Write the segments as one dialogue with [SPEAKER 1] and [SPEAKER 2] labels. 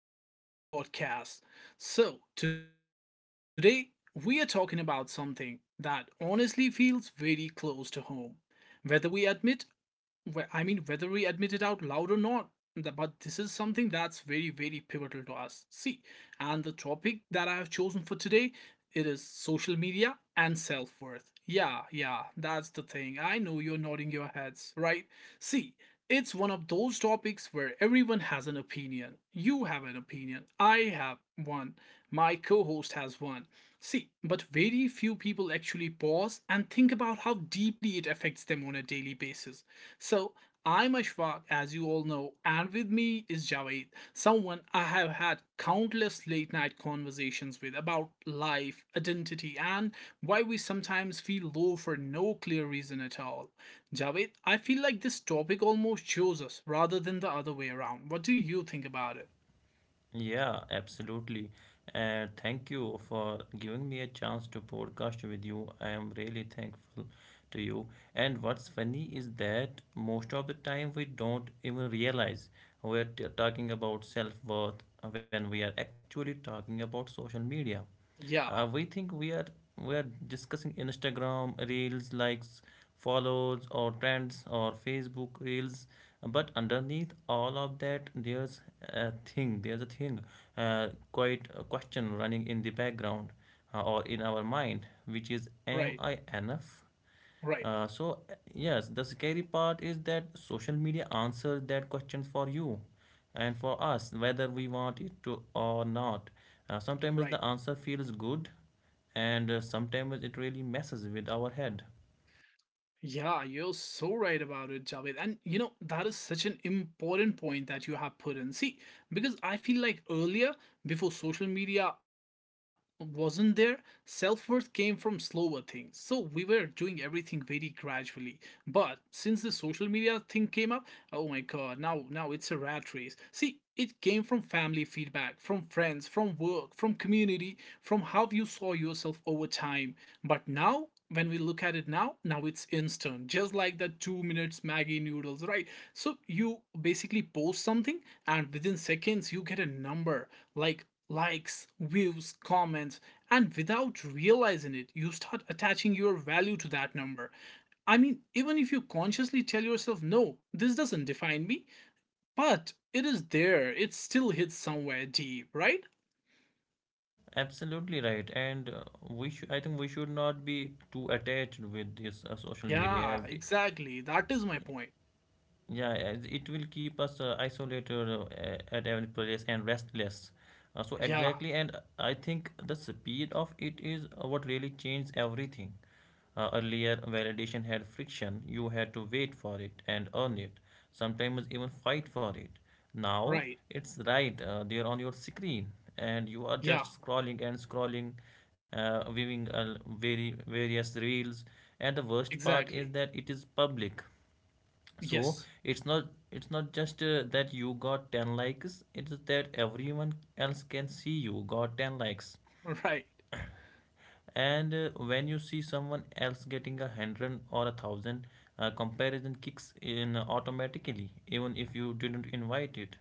[SPEAKER 1] and welcome back to another podcast. So, today we are talking about something that honestly feels very close to home, whether we admit Wh- I mean, whether we admit it out loud or not, the but this is something that's very, very pivotal to us. See, and the topic that I have chosen for today, it is social media and self-worth. Yeah, yeah, that's the thing. I know you're nodding your heads, right? See, it's one of those topics where everyone has an opinion. You have an opinion. I have one. My co-host has one. See, but very few people actually pause and think about how deeply it affects them on a daily basis. So, I'm Ashfaq, as you all know, and with me is Javed, someone I have had countless late night conversations with about life, identity, and why we sometimes feel low for no clear reason at all. Javed, I feel like this topic almost shows us rather than the other way around. What do you think about it?
[SPEAKER 2] Yeah, absolutely. And thank you for giving me a chance to podcast with you. I am really thankful to you. And what's funny is that most of the time we don't even realize talking about self-worth when we are actually talking about social media.
[SPEAKER 1] Yeah,
[SPEAKER 2] We think we are discussing Instagram reels, likes, follows, or trends, or Facebook reels. But underneath all of that, there's a thing. There's a thing, quite a question running in the background or in our mind, which is, am
[SPEAKER 1] right,
[SPEAKER 2] I enough?
[SPEAKER 1] right,
[SPEAKER 2] So yes, the scary part is that social media answers that question for you and for us, whether we want it to or not. Sometimes
[SPEAKER 1] right.
[SPEAKER 2] the answer feels good, and sometimes it really messes with our head.
[SPEAKER 1] Yeah, you're so right about it, Javed. And you know, that is such an important point that you have put in. See, because I feel like earlier, before social media wasn't there, self worth came from slower things. So we were doing everything very gradually. But since the social media thing came up, oh my God, now it's a rat race. See, it came from family feedback, from friends, from work, from community, from how you saw yourself over time. But now, when we look at it now it's instant, just like the 2 minutes Maggie noodles, right? So you basically post something, and within seconds, you get a number like likes, views, comments, and without realizing it, you start attaching your value to that number. I mean, even if you consciously tell yourself, no, this doesn't define me, but it is there, it still hits somewhere deep, right?
[SPEAKER 2] Absolutely right, and we should. I think we should not be too attached with this social media
[SPEAKER 1] Yeah,
[SPEAKER 2] as.
[SPEAKER 1] exactly. That is my point.
[SPEAKER 2] Yeah, as it will keep us isolated, at every place and restless. So
[SPEAKER 1] Yeah,
[SPEAKER 2] exactly, and I think the speed of it is what really changed everything. Earlier, validation had friction. You had to wait for it and earn it, sometimes even fight for it. Now,
[SPEAKER 1] right.
[SPEAKER 2] it's right there on your screen, and you are
[SPEAKER 1] Yeah,
[SPEAKER 2] just scrolling and scrolling, viewing very various reels. And the worst part is
[SPEAKER 1] exactly.
[SPEAKER 2] that it is public, so
[SPEAKER 1] Yes.
[SPEAKER 2] it's not just that you got 10 likes. It's that everyone else can see you got 10 likes.
[SPEAKER 1] Right.
[SPEAKER 2] And when you see someone else getting a hundred or a thousand, comparison kicks in automatically even if you didn't invite it.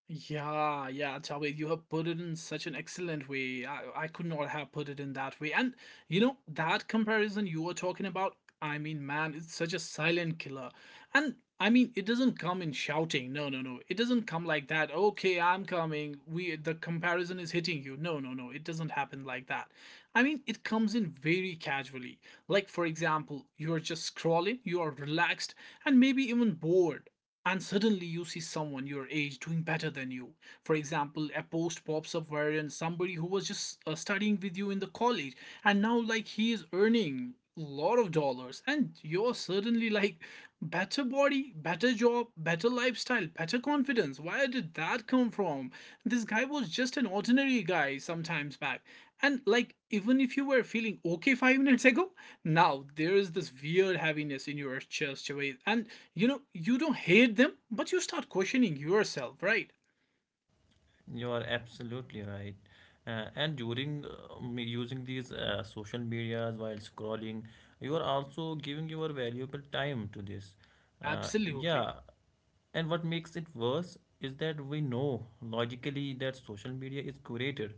[SPEAKER 1] Yeah, yeah, Javed, you have put it in such an excellent way. I could not have put it in that way. And you know, that comparison you were talking about, I mean, man, it's such a silent killer. And I mean, it doesn't come in shouting. No, no, no. It doesn't come like that. Okay, I'm coming. We the comparison is hitting you. No, no, no. It doesn't happen like that. I mean, it comes in very casually. Like, for example, you are just scrolling, you are relaxed and maybe even bored, and suddenly you see someone your age doing better than you. For example, a post pops up wherein somebody who was just studying with you in the college, and now like he is earning a lot of dollars, and you're suddenly like, better body, better job, better lifestyle, better confidence. Where did that come from? This guy was just an ordinary guy sometimes back. And like, even if you were feeling okay 5 minutes ago, now there is this weird heaviness in your chest, Javed. And you know, you don't hate them, but you start questioning yourself, right?
[SPEAKER 2] You are absolutely right, and during using these social medias while scrolling, you are also giving your valuable time to this. uh,
[SPEAKER 1] Absolutely.
[SPEAKER 2] yeah And what makes it worse is that we know logically that social media is curated.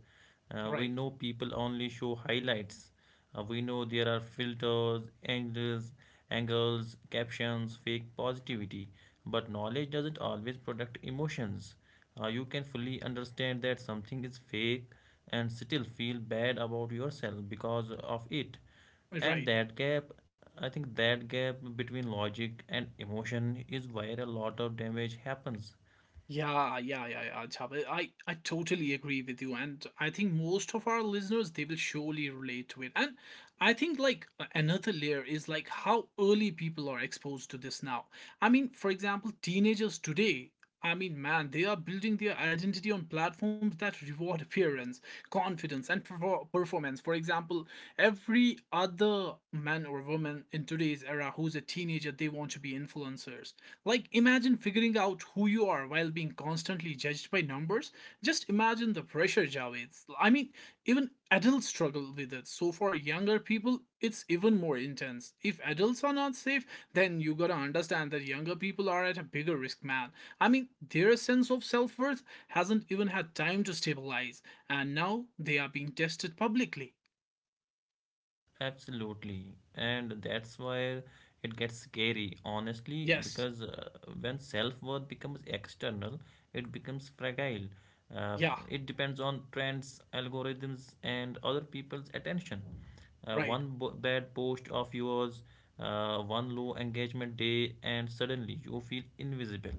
[SPEAKER 2] We
[SPEAKER 1] Right.
[SPEAKER 2] know people only show highlights. We know there are filters, angles, captions, fake positivity. But knowledge doesn't always protect emotions. You can fully understand that something is fake and still feel bad about yourself because of it. And
[SPEAKER 1] Right.
[SPEAKER 2] that gap, I think that gap between logic and emotion is where a lot of damage happens.
[SPEAKER 1] Yeah, yeah, yeah, yeah, Jabir. I totally agree with you. And I think most of our listeners, they will surely relate to it. And I think, like, another layer is like how early people are exposed to this now. I mean, for example, teenagers today, I mean, man, they are building their identity on platforms that reward appearance, confidence, and performance. For example, every other man or woman in today's era who's a teenager, they want to be influencers. Like, imagine figuring out who you are while being constantly judged by numbers. Just imagine the pressure, Javed. I mean, even adults struggle with it. So, for younger people, it's even more intense. If adults are not safe, then you gotta understand that younger people are at a bigger risk, man. I mean, their sense of self worth hasn't even had time to stabilize, and now they are being tested publicly.
[SPEAKER 2] Absolutely. And that's where it gets scary, honestly,
[SPEAKER 1] Yes,
[SPEAKER 2] because when self worth becomes external, it becomes fragile. Uh,
[SPEAKER 1] yeah,
[SPEAKER 2] it depends on trends, algorithms, and other people's attention.
[SPEAKER 1] right,
[SPEAKER 2] Bad post of yours, one low engagement day, and suddenly you feel invisible.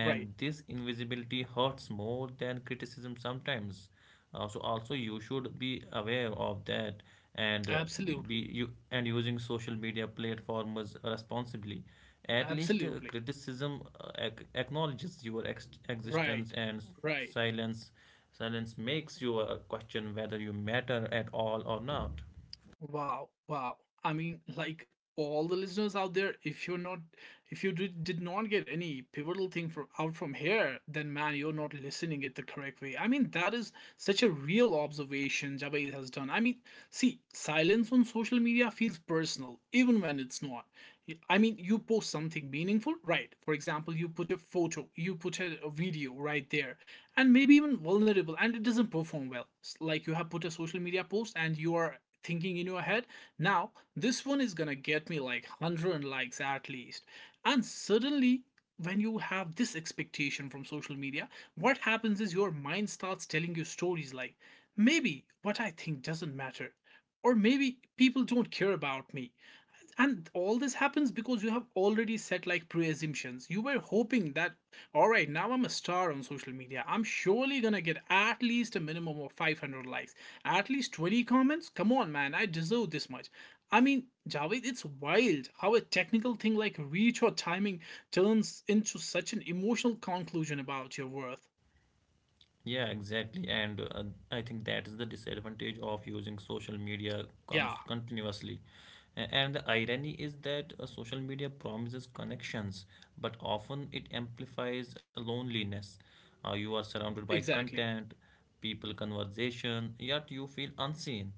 [SPEAKER 1] right.
[SPEAKER 2] this invisibility hurts more than criticism sometimes. So also you should be aware of that, and be
[SPEAKER 1] Absolutely,
[SPEAKER 2] you and using social media platforms responsibly. At least
[SPEAKER 1] absolutely.
[SPEAKER 2] criticism acknowledges your existence,
[SPEAKER 1] Right,
[SPEAKER 2] and s-
[SPEAKER 1] right.
[SPEAKER 2] silence silence makes you question whether you matter at all or not.
[SPEAKER 1] Wow, wow. I mean, like, all the listeners out there, if you did not get any pivotal thing from out from here, then, man, you're not listening it the correct way. I mean, that is such a real observation Jabai has done. I mean, see, silence on social media feels personal even when it's not. I mean, you post something meaningful, right? For example, you put a photo, you put a video right there, and maybe even vulnerable, and it doesn't perform well. Like, you have put a social media post, and you are thinking in your head, now this one is gonna get me like 100 likes at least. And suddenly, when you have this expectation from social media, what happens is your mind starts telling you stories like, maybe what I think doesn't matter, or maybe people don't care about me. And all this happens because you have already set like pre-assumptions. You were hoping that, all right, now I'm a star on social media, I'm surely gonna get at least a minimum of 500 likes, at least 20 comments. Come on, man, I deserve this much. I mean, Javed, it's wild how a technical thing like reach or timing turns into such an emotional conclusion about your worth.
[SPEAKER 2] Yeah, exactly. And I think that is the disadvantage of using social media
[SPEAKER 1] Yeah,
[SPEAKER 2] cons continuously. And the irony is that social media promises connections, but often it amplifies loneliness. You are surrounded by
[SPEAKER 1] exactly.
[SPEAKER 2] content, people conversation, yet you feel unseen.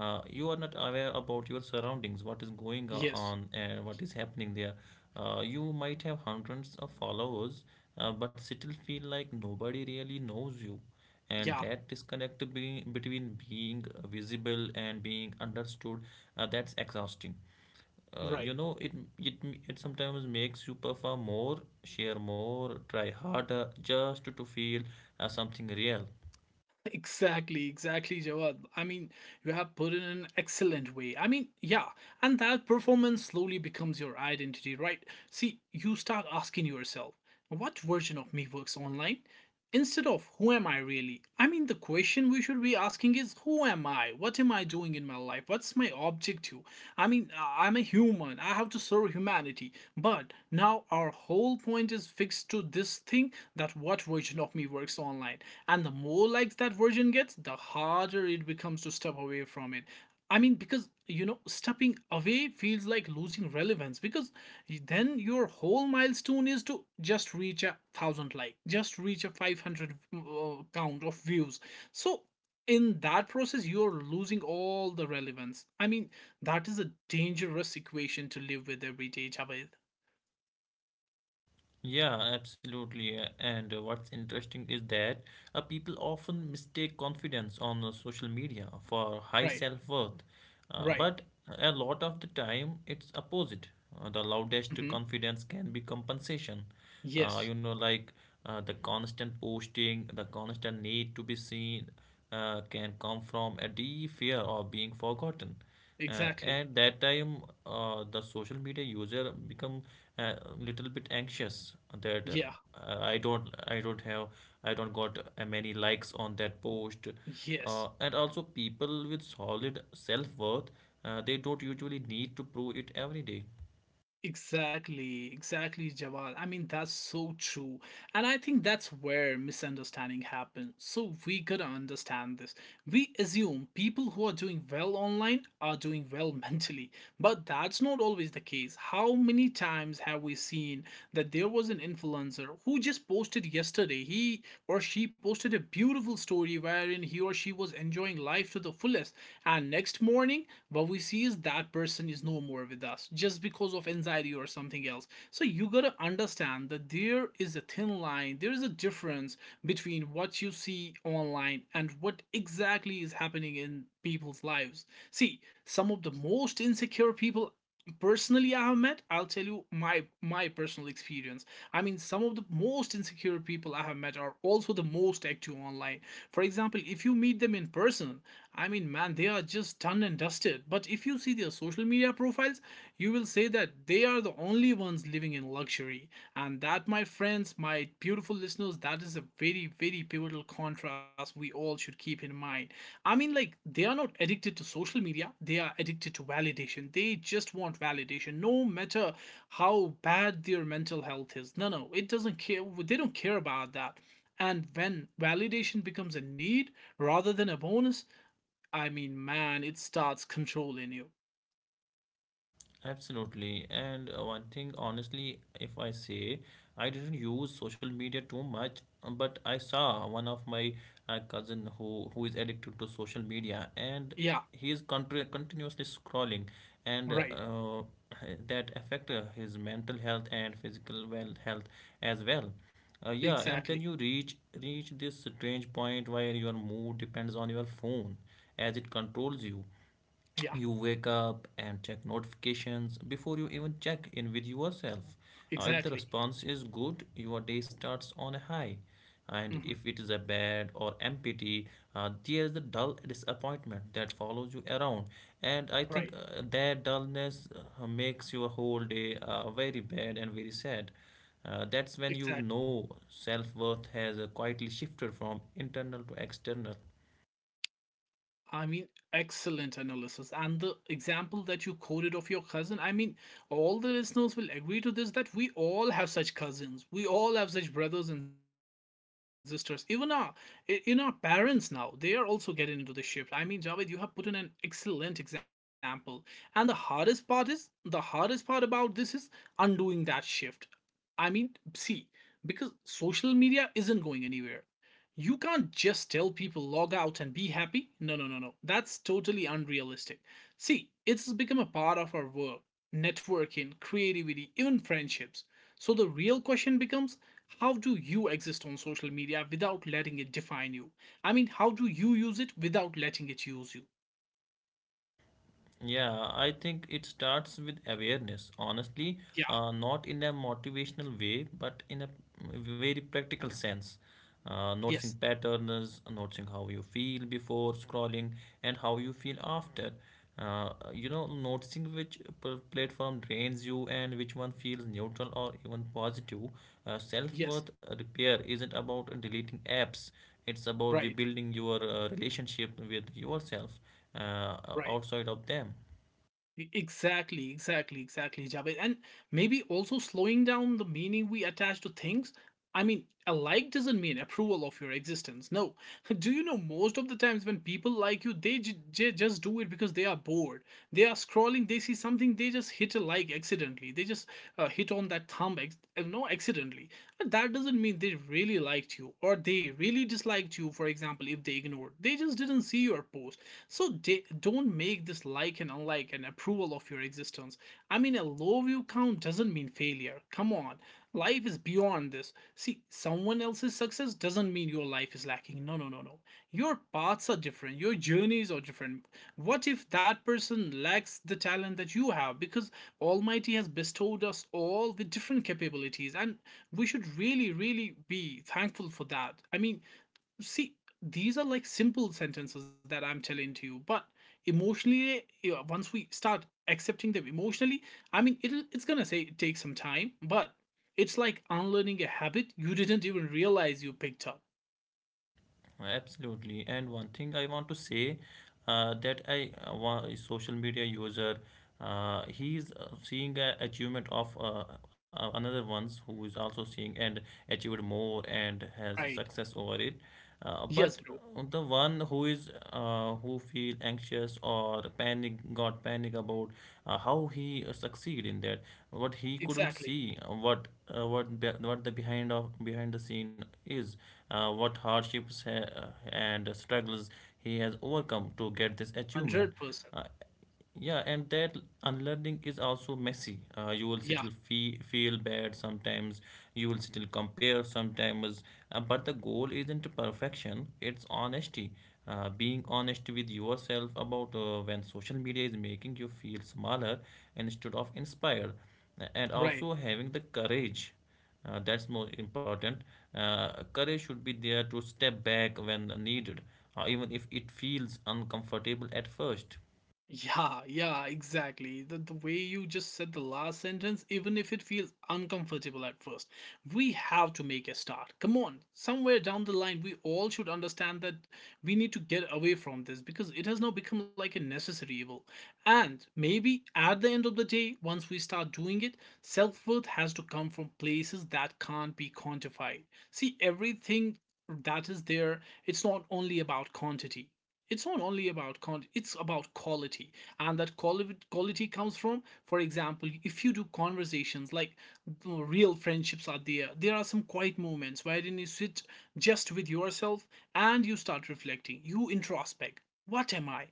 [SPEAKER 2] You are not aware about your surroundings, what is going
[SPEAKER 1] Yes.
[SPEAKER 2] on and what is happening there. You might have hundreds of followers, but still feel like nobody really knows you. And
[SPEAKER 1] Yeah.
[SPEAKER 2] that disconnect between being visible and being understood, that's exhausting. uh,
[SPEAKER 1] Right.
[SPEAKER 2] you know it, it it sometimes makes you perform more, share more, try harder just to feel something real.
[SPEAKER 1] Exactly, exactly, Jawad. I mean, you have put it in an excellent way. I mean, yeah, and that performance slowly becomes your identity, right? See, you start asking yourself, what version of me works online? Instead of, who am I really? I mean, the question we should be asking is, who am I? What am I doing in my life? What's my objective? I mean, I'm a human. I have to serve humanity. But now our whole point is fixed to this thing that what version of me works online. And the more likes that version gets, the harder it becomes to step away from it. I mean, because, you know, stepping away feels like losing relevance, because then your whole milestone is to just reach a thousand like, just reach a 500 count of views. So, in that process, you're losing all the relevance. I mean, that is a dangerous equation to live with every day, Javed.
[SPEAKER 2] Yeah, absolutely. And what's interesting is that people often mistake confidence on social media for high
[SPEAKER 1] Right,
[SPEAKER 2] self-worth. Uh,
[SPEAKER 1] right.
[SPEAKER 2] but a lot of the time, it's opposite. The loudest
[SPEAKER 1] Hmm.
[SPEAKER 2] confidence can be compensation. uh,
[SPEAKER 1] Yes,
[SPEAKER 2] you know, like the constant posting, the constant need to be seen can come from a deep fear of being forgotten. uh,
[SPEAKER 1] exactly.
[SPEAKER 2] at that time, the social media user become a little bit anxious that
[SPEAKER 1] Yeah,
[SPEAKER 2] I don't have, I don't got many likes on that post. uh,
[SPEAKER 1] yes,
[SPEAKER 2] and also people with solid self-worth, they don't usually need to prove it every day.
[SPEAKER 1] exactly, exactly, Jawal. I mean, that's so true. And I think that's where misunderstanding happens. So we gotta understand this. We assume people who are doing well online are doing well mentally, but that's not always the case. How many times have we seen that there was an influencer who just posted yesterday? He or she posted a beautiful story wherein he or she was enjoying life to the fullest. And next morning, what we see is that person is no more with us just because of anxiety or something else. So you gotta understand that there is a thin line, there is a difference between what you see online and what exactly is happening in people's lives. See, some of the most insecure people, personally, I have met, I'll tell you my personal experience. I mean, some of the most insecure people I have met are also the most active online. For example, if you meet them in person, I mean, man, they are just done and dusted. But if you see their social media profiles, you will say that they are the only ones living in luxury. And that, my friends, my beautiful listeners, that is a very, very pivotal contrast we all should keep in mind. I mean, like, they are not addicted to social media, they are addicted to validation. They just want validation, no matter how bad their mental health is. No, no, it doesn't care. They don't care about that. And when validation becomes a need rather than a bonus, I mean, man, it starts controlling you.
[SPEAKER 2] Absolutely. And one thing, honestly, if I say, I didn't use social media too much, but I saw one of my cousin who is addicted to social media, and
[SPEAKER 1] Yeah,
[SPEAKER 2] he is contri continuously scrolling, and
[SPEAKER 1] right.
[SPEAKER 2] that affect his mental health and physical well health as well. Yeah, and then
[SPEAKER 1] Exactly.
[SPEAKER 2] you reach this strange point where your mood depends on your phone, as it controls you.
[SPEAKER 1] Yeah,
[SPEAKER 2] You wake up and check notifications before you even check in with yourself. If the
[SPEAKER 1] exactly.
[SPEAKER 2] response is good, your day starts on a high. And
[SPEAKER 1] Hmm.
[SPEAKER 2] if it is a bad or empty, there is a dull disappointment that follows you around. And I
[SPEAKER 1] Right.
[SPEAKER 2] think that dullness makes your whole day very bad and very sad. That's when you
[SPEAKER 1] Exactly.
[SPEAKER 2] know self worth has quietly shifted from internal to external.
[SPEAKER 1] I mean, excellent analysis. And the example that you quoted of your cousin, I mean, all the listeners will agree to this that we all have such cousins. We all have such brothers and sisters. Even our in our parents now, they are also getting into the shift. I mean, Javed, you have put in an excellent example. And the hardest part about this is undoing that shift. I mean, see, because social media isn't going anywhere. You can't just tell people log out and be happy. No, no, no, no. That's totally unrealistic. See, it's become a part of our work, networking, creativity, even friendships. So the real question becomes, how do you exist on social media without letting it define you? I mean, how do you use it without letting it use you?
[SPEAKER 2] Yeah, I think it starts with awareness, honestly,
[SPEAKER 1] Yeah,
[SPEAKER 2] not in a motivational way, but in a very practical sense. Noticing
[SPEAKER 1] yes,
[SPEAKER 2] patterns, noticing how you feel before scrolling and how you feel after. You know, noticing which platform drains you and which one feels neutral or even positive. Uh,
[SPEAKER 1] yes,
[SPEAKER 2] self-worth repair isn't about deleting apps, it's about
[SPEAKER 1] right,
[SPEAKER 2] rebuilding your relationship with yourself uh,
[SPEAKER 1] right.
[SPEAKER 2] outside of them.
[SPEAKER 1] Exactly, exactly, exactly, Javed. And maybe also slowing down the meaning we attach to things. I mean, a like doesn't mean approval of your existence. No. Do you know most of the times when people like you, they just do it because they are bored. They are scrolling, they see something, they just hit a like accidentally. They just hit on that thumb, no, accidentally. But that doesn't mean they really liked you or they really disliked you, for example, if they ignored. They just didn't see your post. So don't make this like and unlike an approval of your existence. I mean, a low view count doesn't mean failure. Come on. Life is beyond this. See, someone else's success doesn't mean your life is lacking. No, no, no, no. Your paths are different, your journeys are different. What if that person lacks the talent that you have? Because Almighty has bestowed us all with different capabilities, and we should really, really be thankful for that. I mean, see, these are like simple sentences that I'm telling to you, but emotionally, yeah, once we start accepting them emotionally, I mean, it's gonna say, it takes some time, but it's like unlearning a habit you didn't even realize you picked up.
[SPEAKER 2] Absolutely, and one thing I want to say, that a social media user, he's seeing a achievement of another ones who is also seeing and achieved more and has
[SPEAKER 1] Right,
[SPEAKER 2] success over it,
[SPEAKER 1] yes,
[SPEAKER 2] but
[SPEAKER 1] bro,
[SPEAKER 2] the one who is who feel anxious or panic got panic about how he succeed in that, what he couldn't
[SPEAKER 1] exactly,
[SPEAKER 2] see, what what the behind of behind the scene is, what hardships and struggles he has overcome to get this achievement.
[SPEAKER 1] 100%,
[SPEAKER 2] Uh, yeah, and that unlearning is also messy. You will
[SPEAKER 1] yeah,
[SPEAKER 2] still feel bad sometimes. You will still compare sometimes. But the goal isn't perfection. It's honesty. Being honest with yourself about when social media is making you feel smaller instead of inspired. And
[SPEAKER 1] right.
[SPEAKER 2] also having the courage. That's more important. Uh, courage should be there to step back when needed, even if it feels uncomfortable at first.
[SPEAKER 1] Yeah, yeah, exactly. The way you just said the last sentence, even if it feels uncomfortable at first, we have to make a start. Come on, somewhere down the line, we all should understand that we need to get away from this, because it has now become like a necessary evil. And maybe at the end of the day, once we start doing it, self worth has to come from places that can't be quantified. See, everything that is there, it's not only about quantity, it's not only about quantity, it's about quality. And that quality comes from, for example, if you do conversations like real friendships are there are some quiet moments wherein you sit just with yourself, and you start reflecting, you introspect. What am I?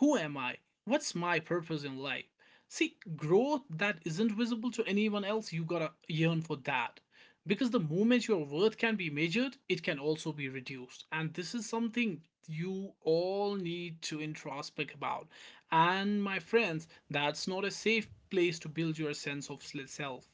[SPEAKER 1] Who am I? What's my purpose in life? See, growth that isn't visible to anyone else, you gotta yearn for that. Because the moment your worth can be measured, it can also be reduced. And this is something you all need to introspect about. And my friends, that's not a safe place to build your sense of self.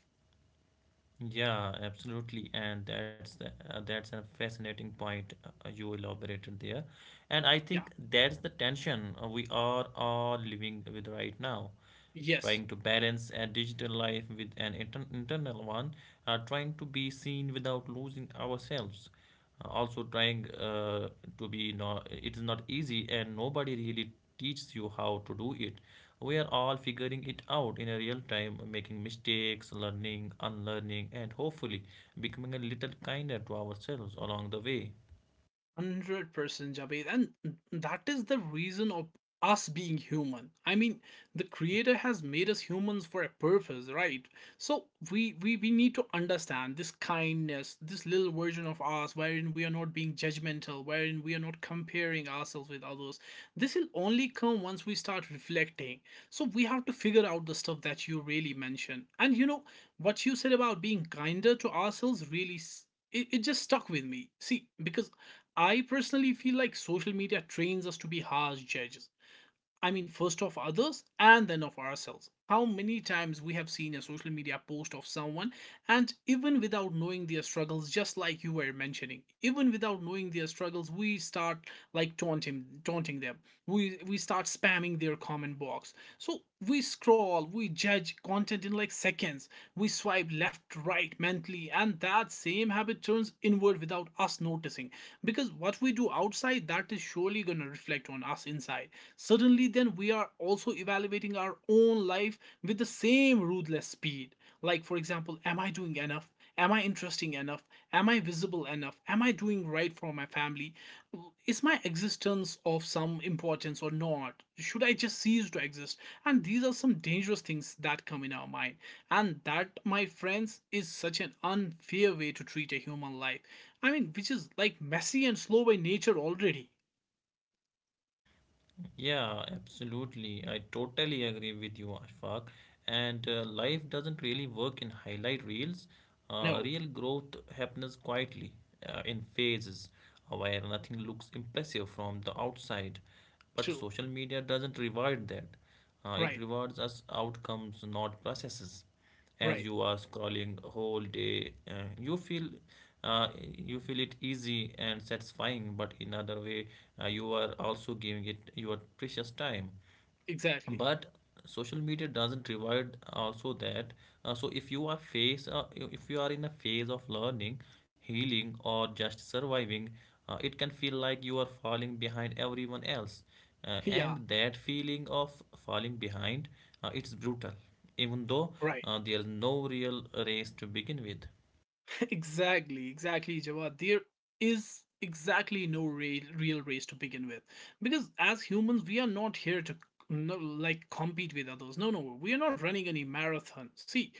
[SPEAKER 2] Yeah, absolutely, and that's the, that's a fascinating point you elaborated there, and I
[SPEAKER 1] Yeah,
[SPEAKER 2] think that's the tension we are all living with right now,
[SPEAKER 1] yes.
[SPEAKER 2] trying to balance a digital life with an internal one, trying to be seen without losing ourselves. Also, trying to be not, it is not easy, and nobody really teaches you how to do it. We are all figuring it out in a real time, making mistakes, learning, unlearning, and hopefully becoming a little kinder to ourselves along the way.
[SPEAKER 1] 100%, Javed. And that is the reason of us being human. I mean, the creator has made us humans for a purpose, right? So we need to understand this kindness, this little version of us wherein we are not being judgmental, wherein we are not comparing ourselves with others. This will only come once we start reflecting. So we have to figure out the stuff that you really mentioned. And what you said about being kinder to ourselves really it just stuck with me. See, because I personally feel like social media trains us to be harsh judges. I mean, first of others and then of ourselves. How many times we have seen a social media post of someone, and even without knowing their struggles, just like you were mentioning, even without knowing their struggles, we start like taunting them. We start spamming their comment box. So we scroll, we judge content in like seconds. We swipe left, right mentally, and that same habit turns inward without us noticing. Because what we do outside, that is surely going to reflect on us inside. Suddenly, then we are also evaluating our own life with the same ruthless speed. Like, for example, am I doing enough? Am I interesting enough? Am I visible enough? Am I doing right for my family? Is my existence of some importance or not? Should I just cease to exist? And these are some dangerous things that come in our mind. And that, my friends, is such an unfair way to treat a human life. I mean, which is like messy and slow by nature already.
[SPEAKER 2] Yeah, absolutely. I totally agree with you, Ashfaq. And life doesn't really work in highlight reels. Uh,
[SPEAKER 1] No,
[SPEAKER 2] real growth happens quietly, in phases, where nothing looks impressive from the outside. But
[SPEAKER 1] true.
[SPEAKER 2] social media doesn't reward that. It
[SPEAKER 1] Right,
[SPEAKER 2] rewards us outcomes, not processes. As
[SPEAKER 1] right,
[SPEAKER 2] you are scrolling whole day, you feel it easy and satisfying, but in other way, you are also giving it your precious time.
[SPEAKER 1] exactly.
[SPEAKER 2] But social media doesn't provide also that. So if you are face if you are in a phase of learning, healing, or just surviving, it can feel like you are falling behind everyone else,
[SPEAKER 1] Yeah,
[SPEAKER 2] and that feeling of falling behind, it's brutal, even though
[SPEAKER 1] right.
[SPEAKER 2] there is no real race to begin with.
[SPEAKER 1] Exactly, exactly, Jawad. There is exactly no real, real race to begin with, because as humans, we are not here to, no, like compete with others. No, no, we are not running any marathon. See,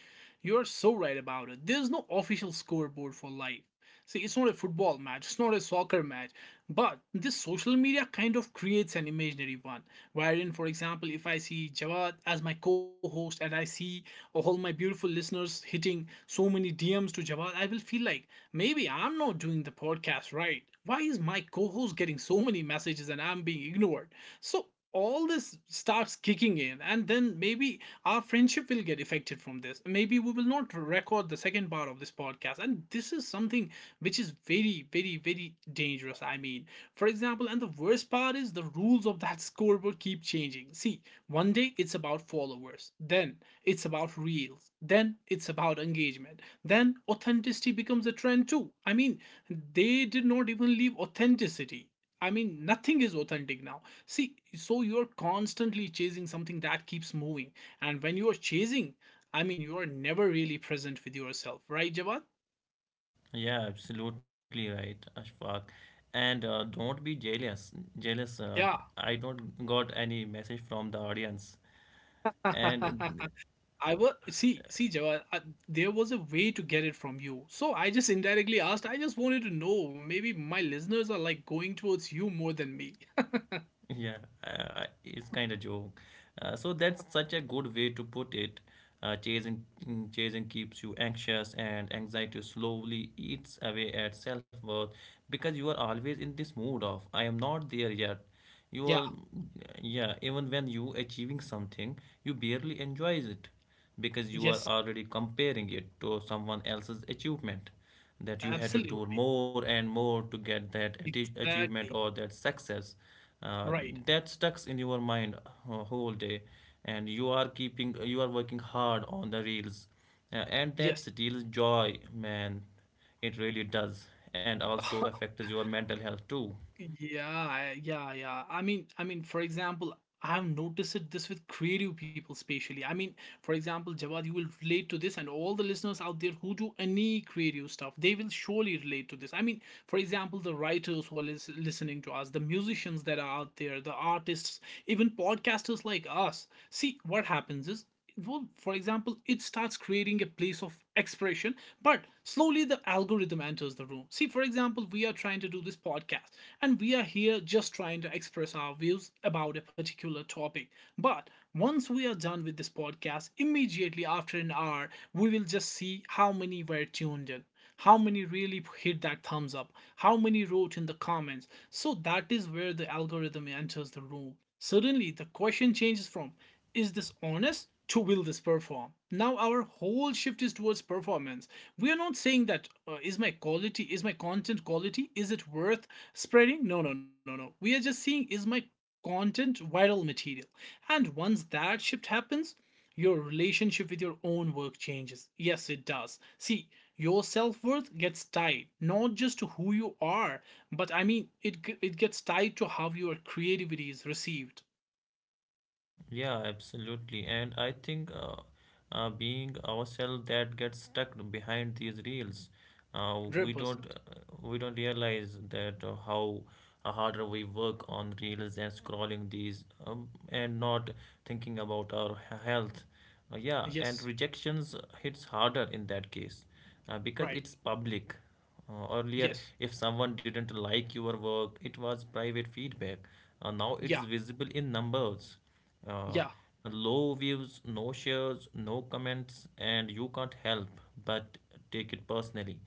[SPEAKER 1] you are so right about it. There's no official scoreboard for life. See, it's not a football match, it's not a soccer match, but this social media kind of creates an imaginary one. Wherein, for example, if I see Jawad as my co host and I see all my beautiful listeners hitting so many DMs to Jawad, I will feel like maybe I'm not doing the podcast right. Why is my co host getting so many messages and I'm being ignored? So, all this starts kicking in, and then maybe our friendship will get affected from this. Maybe we will not record the second part of this podcast. And this is something which is very, very, very dangerous. I mean, for example, and the worst part is the rules of that scoreboard keep changing. See, one day it's about followers, then it's about reels, then it's about engagement, then authenticity becomes a trend too. I mean, they did not even leave authenticity. I mean, nothing is authentic now. See, so you're constantly chasing something that keeps moving. And when you're chasing, I mean, you are never really present with yourself, right, Jawad?
[SPEAKER 2] Yeah, absolutely right, Ashfaq. And don't be jealous. jealous uh,
[SPEAKER 1] Yeah.
[SPEAKER 2] I don't got any message from the audience, and
[SPEAKER 1] I was see see Jawad, there was a way to get it from you, so I just indirectly asked. I just wanted to know maybe my listeners are like going towards you more than me.
[SPEAKER 2] yeah, it's kind of joke. So that's such a good way to put it. Chasing, chasing keeps you anxious, and anxiety slowly eats away at self-worth, because you are always in this mood of "I am not there yet." You
[SPEAKER 1] Yeah,
[SPEAKER 2] are, yeah. Even when you achieving something, you barely enjoys it because you are
[SPEAKER 1] yes,
[SPEAKER 2] already comparing it to someone else's achievement, that you had to do
[SPEAKER 1] absolutely,
[SPEAKER 2] more and more to get that achievement
[SPEAKER 1] exactly,
[SPEAKER 2] or that success. uh,
[SPEAKER 1] right,
[SPEAKER 2] that stucks in your mind whole day, and you are working hard on the reels, and that
[SPEAKER 1] yes.
[SPEAKER 2] steals joy, man. It really does. And also affects your mental health too.
[SPEAKER 1] Yeah, yeah, yeah. I mean, for example, I have noticed it this with creative people, especially. I mean, for example, Jawad, you will relate to this, and all the listeners out there who do any creative stuff, they will surely relate to this. I mean, for example, the writers who are listening to us, the musicians that are out there, the artists, even podcasters like us. See, what happens is, well, for example, it starts creating a place of expression, but slowly the algorithm enters the room. See, for example, we are trying to do this podcast, and we are here just trying to express our views about a particular topic. But once we are done with this podcast, immediately after an hour, we will just see how many were tuned in, how many really hit that thumbs up, how many wrote in the comments. So that is where the algorithm enters the room. Suddenly the question changes from, is this honest, to, will this perform? Now our whole shift is towards performance. We are not saying that, is my content quality, is it worth spreading. No, no, no, no, we are just seeing, is my content viral material? And once that shift happens, your relationship with your own work changes. Yes, it does. See, your self worth gets tied not just to who you are, but I mean, it gets tied to how your creativity is received.
[SPEAKER 2] Yeah, absolutely. And I think being ourselves that gets stuck behind these reels, uh, we don't
[SPEAKER 1] 100%.
[SPEAKER 2] uh, we don't realize that how harder we work on reels and scrolling these, and not thinking about our health. Yeah, and
[SPEAKER 1] Yes,
[SPEAKER 2] rejections hits harder in that case because
[SPEAKER 1] right.
[SPEAKER 2] it's public. Earlier,
[SPEAKER 1] Yes,
[SPEAKER 2] if someone didn't like your work, it was private feedback. Now it's
[SPEAKER 1] yeah,
[SPEAKER 2] visible in numbers. Uh,
[SPEAKER 1] yeah,
[SPEAKER 2] Low views, no shares, no comments, and you can't help but take it personally.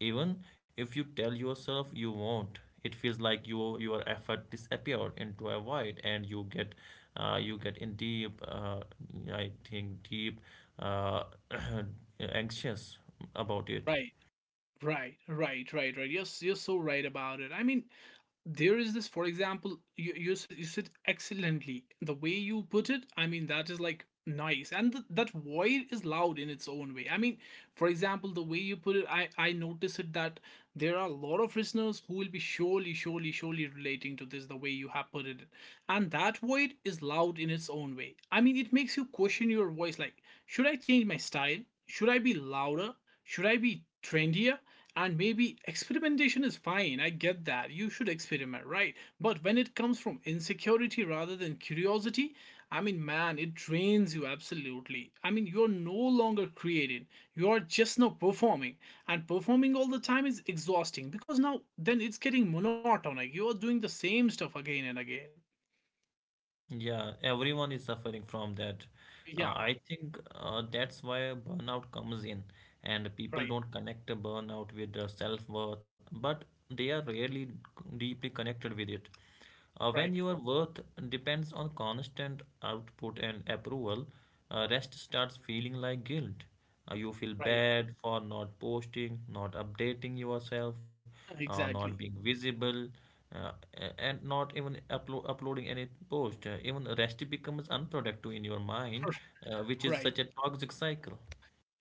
[SPEAKER 2] Even if you tell yourself you won't, it feels like your effort disappeared into a void, and you get in deep, I think deep uh, anxious about it.
[SPEAKER 1] right. Right, right, right, right. You're so right about it. I mean, there is this, for example, you said excellently the way you put it, I mean, that is like nice. And that void is loud in its own way, I mean, for example, the way you put it, I notice it that there are a lot of listeners who will be surely, surely, surely relating to this, the way you have put it. And that void is loud in its own way, I mean, it makes you question your voice, like, should I change my style, should I be louder, should I be trendier? And maybe experimentation is fine, I get that. You should experiment, right? But when it comes from insecurity rather than curiosity, I mean, man, it drains you absolutely. I mean, you're no longer creating, you're just now performing. And performing all the time is exhausting, because now then it's getting monotonic. You're doing the same stuff again and again.
[SPEAKER 2] Yeah, everyone is suffering from that.
[SPEAKER 1] Yeah,
[SPEAKER 2] I think that's why burnout comes in, and people
[SPEAKER 1] right,
[SPEAKER 2] don't connect the burnout with their self-worth, but they are really deeply connected with it. When
[SPEAKER 1] right,
[SPEAKER 2] your worth depends on constant output and approval, rest starts feeling like guilt. You feel
[SPEAKER 1] right.
[SPEAKER 2] bad for not posting, not updating yourself, not being
[SPEAKER 1] Exactly.
[SPEAKER 2] visible, uh, and not even uploading any post. Even rest becomes unproductive in your mind, which is
[SPEAKER 1] Right.
[SPEAKER 2] such a toxic cycle.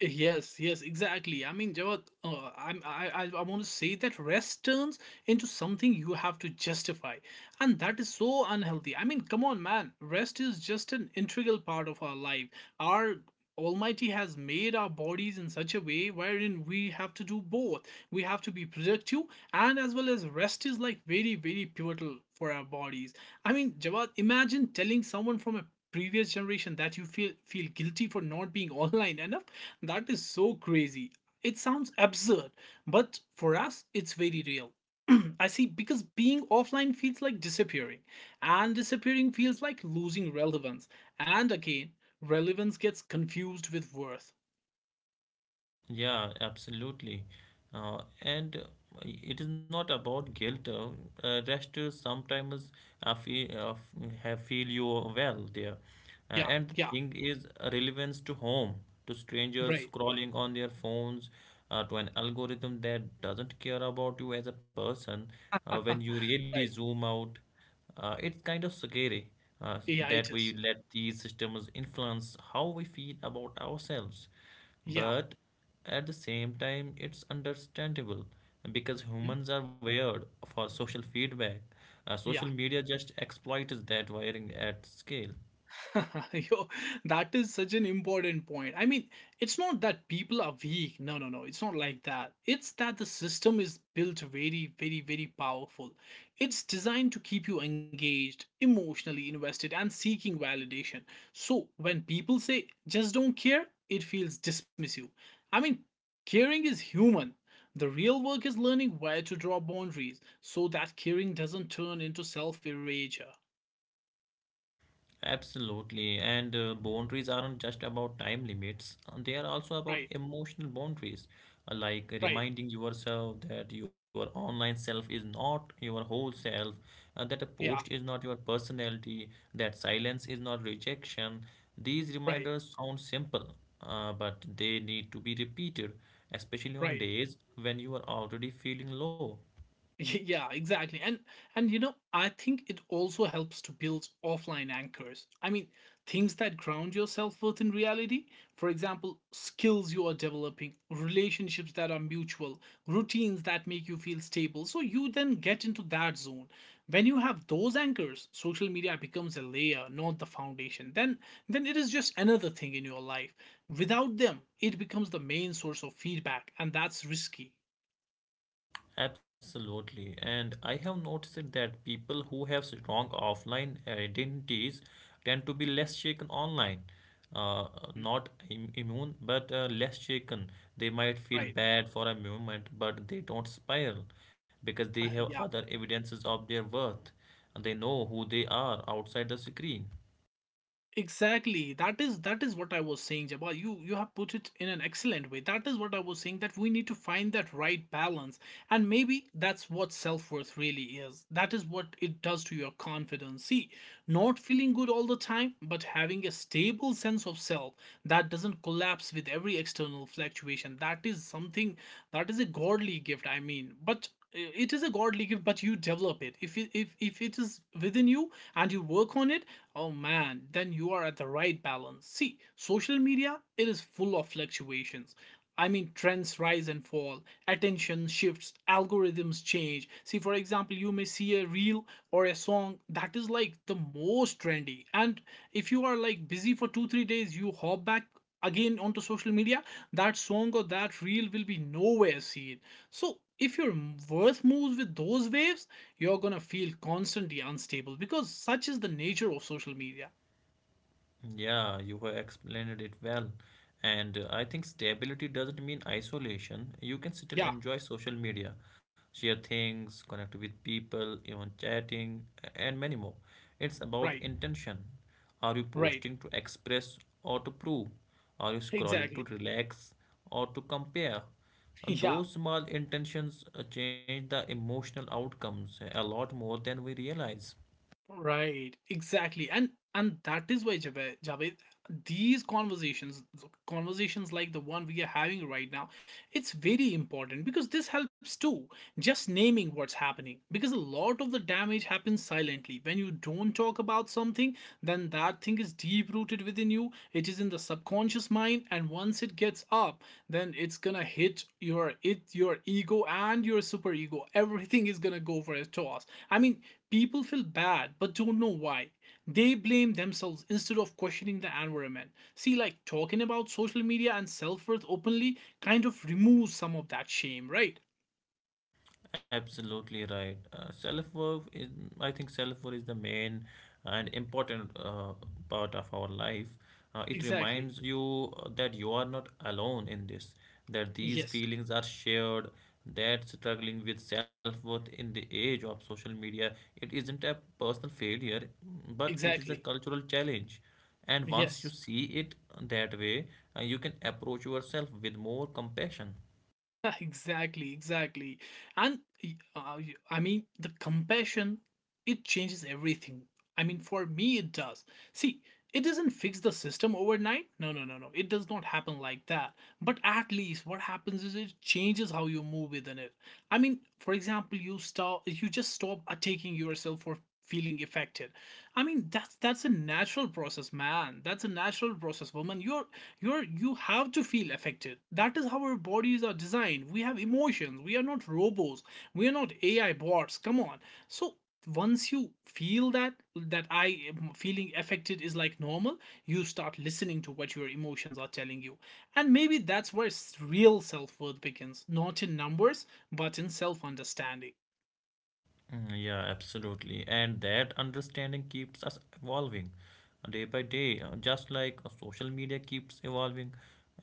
[SPEAKER 1] Yes, yes, exactly. I mean, Jawad, I want to say that rest turns into something you have to justify, and that is so unhealthy. I mean, come on, man, rest is just an integral part of our life. Our Almighty has made our bodies in such a way wherein we have to do both. We have to be productive, and as well as rest is like very, very pivotal for our bodies. I mean, Jawad, imagine telling someone from a previous generation that you feel guilty for not being online enough. That is so crazy. It sounds absurd, but for us, it's very real. I see because being offline feels like disappearing, and disappearing feels like losing relevance. And again, relevance gets confused with worth.
[SPEAKER 2] Yeah, absolutely. And It is not about guilt. Rest sometimes feel, have feel you well there.
[SPEAKER 1] Yeah,
[SPEAKER 2] And the
[SPEAKER 1] yeah,
[SPEAKER 2] thing is relevance to home, to strangers
[SPEAKER 1] right.
[SPEAKER 2] scrolling on their phones, to an algorithm that doesn't care about you as a person. When
[SPEAKER 1] Right.
[SPEAKER 2] you really zoom out, it's kind of scary uh,
[SPEAKER 1] Yeah,
[SPEAKER 2] that
[SPEAKER 1] it
[SPEAKER 2] we
[SPEAKER 1] is.
[SPEAKER 2] let these systems influence how we feel about ourselves.
[SPEAKER 1] Yeah.
[SPEAKER 2] But at the same time, it's understandable because
[SPEAKER 1] Mm.
[SPEAKER 2] humans are wired for social feedback. Social
[SPEAKER 1] Yeah.
[SPEAKER 2] media just exploits that wiring at scale.
[SPEAKER 1] Yo, that is such an important point. I mean, it's not that people are weak. No, no, no. It's not like that. It's that the system is built very, very, very powerful. It's designed to keep you engaged, emotionally invested, and seeking validation. So when people say just don't care, it feels dismissive. I mean, caring is human. The real work is learning where to draw boundaries so that caring doesn't turn into self erasure.
[SPEAKER 2] Absolutely. And boundaries aren't just about time limits, they are also
[SPEAKER 1] Right,
[SPEAKER 2] about emotional boundaries, like
[SPEAKER 1] right.
[SPEAKER 2] reminding yourself that your online self is not your whole self, that a post
[SPEAKER 1] Yeah,
[SPEAKER 2] is not your personality, that silence is not rejection. These
[SPEAKER 1] right.
[SPEAKER 2] reminders sound simple, but they need to be repeated, especially on
[SPEAKER 1] Right.
[SPEAKER 2] days when you are already feeling low.
[SPEAKER 1] Yeah, exactly. And you know, I think it also helps to build offline anchors. I mean, things that ground your self-worth in reality. For example, skills you are developing, relationships that are mutual, routines that make you feel stable. So you then get into that zone. When you have those anchors, social media becomes a layer, not the foundation. Then it is just another thing in your life. Without them, it becomes the main source of feedback, and that's risky.
[SPEAKER 2] Absolutely. And I have noticed that people who have strong offline identities tend to be less shaken online. Uh, Not immune, but less shaken. They might feel
[SPEAKER 1] Right.
[SPEAKER 2] bad for a moment, but they don't spiral because they have
[SPEAKER 1] Yeah.
[SPEAKER 2] other evidences of their worth. They know who they are outside the screen.
[SPEAKER 1] Exactly. That is what I was saying, Jabba. You have put it in an excellent way. That is what I was saying that we need to find that right balance. And maybe that's what self-worth really is. That is what it does to your confidence. See, not feeling good all the time, but having a stable sense of self that doesn't collapse with every external fluctuation. That is something, that is a godly gift, I mean. But it is a godly gift, but you develop it if it is within you and you work on it. Oh man, then you are at the right balance. See, social media, it is full of fluctuations. I mean, trends rise and fall, attention shifts, algorithms change. See, for example, you may see a reel or a song that is like the most trendy. And if you are like busy for two, three days, you hop back again onto social media, that song or that reel will be nowhere seen. So if your Earth moves with those waves, you're gonna feel constantly unstable because such is the nature of social media.
[SPEAKER 2] Yeah, you have explained it well. And I think stability doesn't mean isolation. You can still
[SPEAKER 1] Yeah,
[SPEAKER 2] enjoy social media, share things, connect with people, even chatting, and many more. It's about
[SPEAKER 1] right,
[SPEAKER 2] intention. Are you
[SPEAKER 1] right,
[SPEAKER 2] posting to express or to prove? Are you scrolling to
[SPEAKER 1] exactly.
[SPEAKER 2] relax or to compare? And
[SPEAKER 1] Yeah.
[SPEAKER 2] those small intentions change the emotional outcomes a lot more than we realize.
[SPEAKER 1] Right, exactly, and that is why Javed, Javed, these conversations, conversations like the one we are having right now, it's very important because this helps too. Just naming what's happening, because a lot of the damage happens silently. When you don't talk about something, then that thing is deep rooted within you. It is in the subconscious mind, and once it gets up, then it's gonna hit your it your ego and your superego. Everything is gonna go for a toss. I mean, people feel bad but don't know why. They blame themselves instead of questioning the environment. See, like talking about social media and self-worth openly kind of removes some of that shame, right?
[SPEAKER 2] Absolutely right. Self-worth is, I think, self-worth is the main and important part of our life. It
[SPEAKER 1] Exactly.
[SPEAKER 2] reminds you that you are not alone in this, that these
[SPEAKER 1] Yes.
[SPEAKER 2] feelings are shared, that struggling with self-worth in the age of social media, it isn't a personal failure, but it is a
[SPEAKER 1] Exactly.
[SPEAKER 2] cultural challenge. And once you
[SPEAKER 1] Yes.
[SPEAKER 2] see it that way, you can approach yourself with more compassion.
[SPEAKER 1] Exactly, exactly. And uh, I mean, the compassion, it changes everything. I mean, for me it does. See, it doesn't fix the system overnight. No, no, no, no. It does not happen like that. But at least what happens is it changes how you move within it. I mean, for example, you just stop attacking yourself for feeling affected. I mean, that's a natural process, man. That's a natural process, woman. You're you have to feel affected. That is how our bodies are designed. We have emotions. We are not robots. We are not AI bots. Come on. So once you feel that, I am feeling affected is like normal, you start listening to what your emotions are telling you. And maybe that's where real self-worth begins, not in numbers, but in self understanding.
[SPEAKER 2] Mm, yeah, absolutely. And that understanding keeps us evolving day by day, just like social media keeps evolving.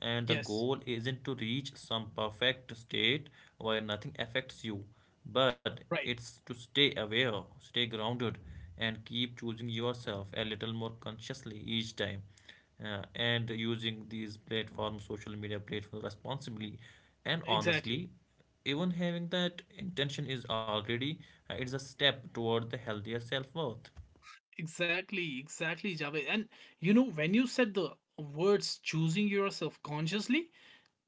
[SPEAKER 2] And the
[SPEAKER 1] Yes,
[SPEAKER 2] goal isn't to reach some perfect state where nothing affects you, but
[SPEAKER 1] right,
[SPEAKER 2] it's to stay aware, stay grounded, and keep choosing yourself a little more consciously each time and using these platforms, social media platforms responsibly and
[SPEAKER 1] exactly,
[SPEAKER 2] honestly. Even having that intention is already it's a step toward the healthier self worth.
[SPEAKER 1] exactly, exactly, Javed. And you know, when you said the words choosing yourself consciously,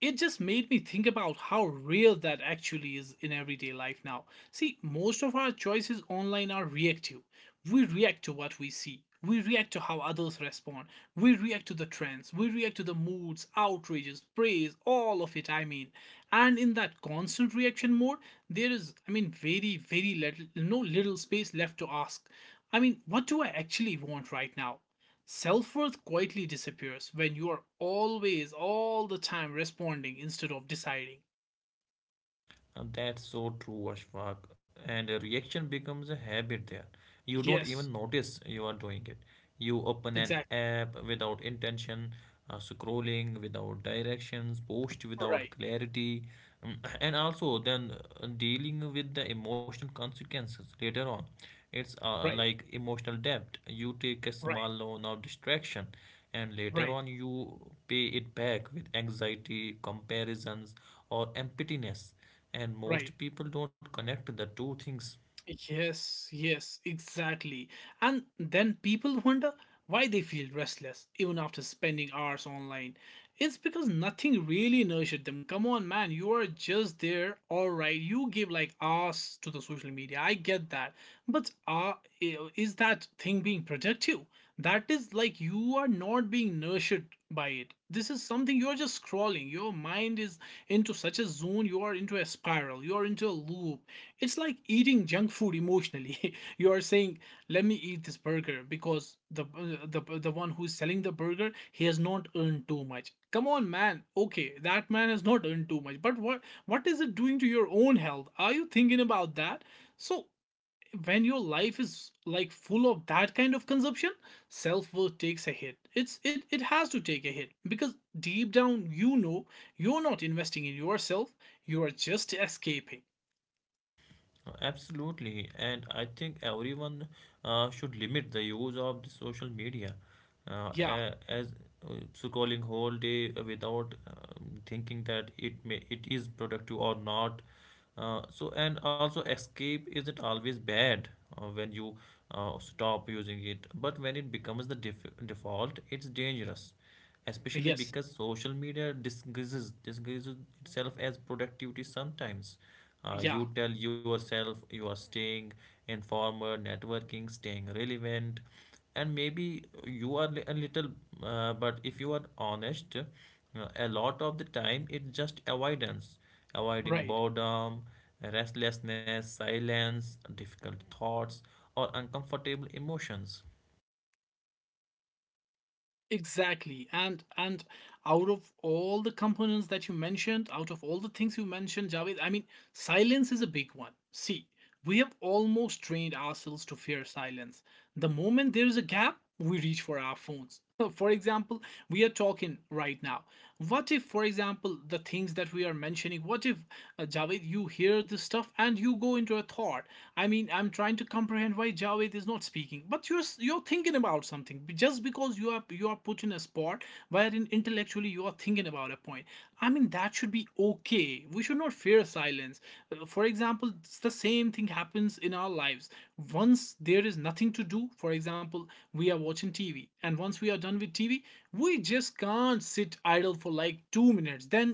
[SPEAKER 1] it just made me think about how real that actually is in everyday life now. See, most of our choices online are reactive. We react to what we see. We react to how others respond. We react to the trends. We react to the moods, outrages, praise, all of it, I mean. And in that constant reaction mode, there is, I mean, very, very little, no little space left to ask. I mean, what do I actually want right now? Self worth quietly disappears when you are always, all the time responding instead of deciding.
[SPEAKER 2] That's so true, Ashfaq. And a reaction becomes a habit there. You don't
[SPEAKER 1] Yes,
[SPEAKER 2] even notice you are doing it. You open an
[SPEAKER 1] exactly.
[SPEAKER 2] app without intention, scrolling without directions, post
[SPEAKER 1] Right,
[SPEAKER 2] without clarity, mm, and also then dealing with the emotional consequences later on. It's
[SPEAKER 1] right,
[SPEAKER 2] like emotional debt. You take a
[SPEAKER 1] right,
[SPEAKER 2] small loan of distraction, and later
[SPEAKER 1] right,
[SPEAKER 2] on you pay it back with anxiety, comparisons, or emptiness, and
[SPEAKER 1] right.
[SPEAKER 2] most people don't connect the two things.
[SPEAKER 1] Yes, yes, exactly. And then people wonder why they feel restless even after spending hours online. It's because nothing really nurtured them. Come on, man, you are just there, alright. You give like hours to the social media. I get that. But is that thing being productive? That is like you are not being nurtured by it. This is something you're just scrolling. Your mind is into such a zone, you are into a spiral, you are into a loop. It's like eating junk food emotionally. You are saying, "Let me eat this burger because the one who's selling the burger, he has not earned too much." Come on, man. Okay, that man has not earned too much. But what is it doing to your own health? Are you thinking about that? So when your life is like full of that kind of consumption, self-worth takes a hit. It has to take a hit because deep down you know you're not investing in yourself. You are just escaping.
[SPEAKER 2] Absolutely, and I think everyone should limit the use of the social media
[SPEAKER 1] Yeah.
[SPEAKER 2] as scrolling whole day without thinking that it may it is productive or not, so. And also escape isn't always bad when you stop using it, but when it becomes the default it's dangerous, especially
[SPEAKER 1] Yes.
[SPEAKER 2] because social media disguises itself as productivity sometimes.
[SPEAKER 1] Yeah,
[SPEAKER 2] You tell yourself you are staying informed, networking, staying relevant, and maybe you are a little, but if you are honest, a lot of the time it's just avoidance, avoiding
[SPEAKER 1] right.
[SPEAKER 2] boredom, restlessness, silence, difficult thoughts, or uncomfortable emotions.
[SPEAKER 1] Exactly. And out of all the components that you mentioned, out of all the things you mentioned, Javed, I mean, silence is a big one. See, we have almost trained ourselves to fear silence. The moment there is a gap, we reach for our phones. For example, we are talking right now. What if, for example, the things that we are mentioning, what if, Javed, you hear this stuff and you go into a thought? I mean, I'm trying to comprehend why Javed is not speaking, but you're thinking about something. Just because you are, you are put in a spot wherein intellectually you are thinking about a point, I mean, that should be okay. We should not fear silence. For example, it's the same thing happens in our lives. Once there is nothing to do, for example, we are watching tv, and once we are done with tv, we just can't sit idle for like two minutes, then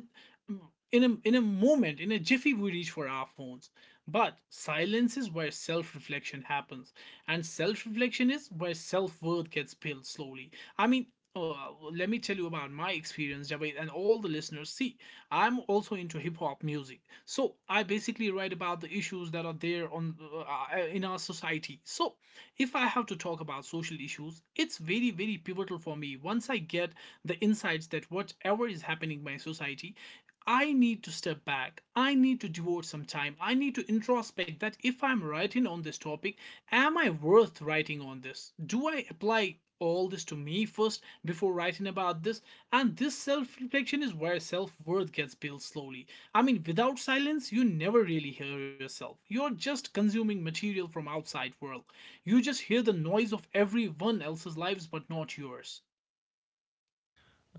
[SPEAKER 1] mm, in a moment, in a jiffy we reach for our phones. But silence is where self-reflection happens, and self-reflection is where self-worth gets built slowly. I mean, let me tell you about my experience, Javed, and all the listeners. See, I'm also into hip-hop music, so I basically write about the issues that are there on in our society. So if I have to talk about social issues, it's very, very pivotal for me. Once I get the insights that whatever is happening in my society, I need to step back. I need to devote some time. I need to introspect that if I'm writing on this topic, am I worth writing on this? Do I apply all this to me first before writing about this? And this self reflection is where self worth gets built slowly. I mean, without silence, you never really hear yourself. You're just consuming material from outside world. You just hear the noise of everyone else's lives, but not yours.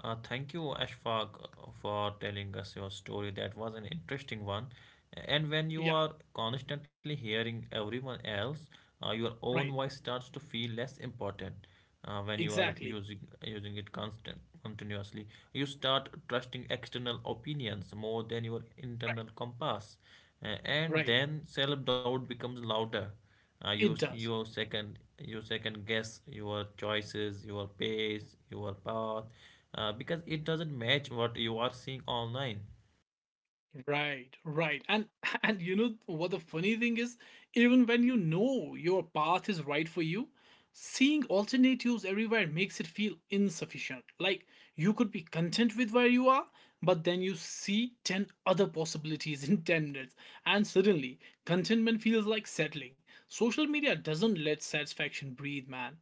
[SPEAKER 2] Thank you, Ashfaq, for telling us your story. That was an interesting one. And when you
[SPEAKER 1] Yeah,
[SPEAKER 2] are constantly hearing everyone else, your own
[SPEAKER 1] right.
[SPEAKER 2] voice starts to feel less important. When you are
[SPEAKER 1] Exactly.
[SPEAKER 2] using it constant continuously, you start trusting external opinions more than your internal compass.
[SPEAKER 1] Right.
[SPEAKER 2] And
[SPEAKER 1] Right.
[SPEAKER 2] then self-doubt becomes louder,
[SPEAKER 1] It does.
[SPEAKER 2] you second guess your choices, your pace, your path, because it doesn't match what you are seeing online.
[SPEAKER 1] Right. Right. And and you know what the funny thing is? Even when you know your path is right for you, seeing alternatives everywhere makes it feel insufficient. Like you could be content with where you are, but then you see 10 other possibilities in 10 minutes, and suddenly contentment feels like settling. Social media doesn't let satisfaction breathe, man.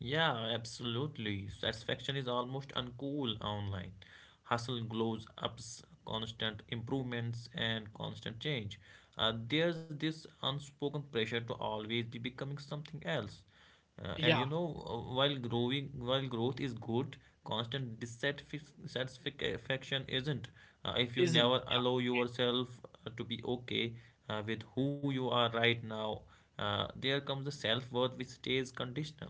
[SPEAKER 2] Yeah, absolutely. Satisfaction is almost uncool online. Hustle glows ups, constant improvements, and constant change. There's this unspoken pressure to always be becoming something else. Uh, and you
[SPEAKER 1] Yeah,
[SPEAKER 2] know, uh, while growing, while growth is good, constant dissatisfaction isn't. If you
[SPEAKER 1] isn't.
[SPEAKER 2] never allow yourself to be okay with who you are right now, there comes the self worth which stays conditional.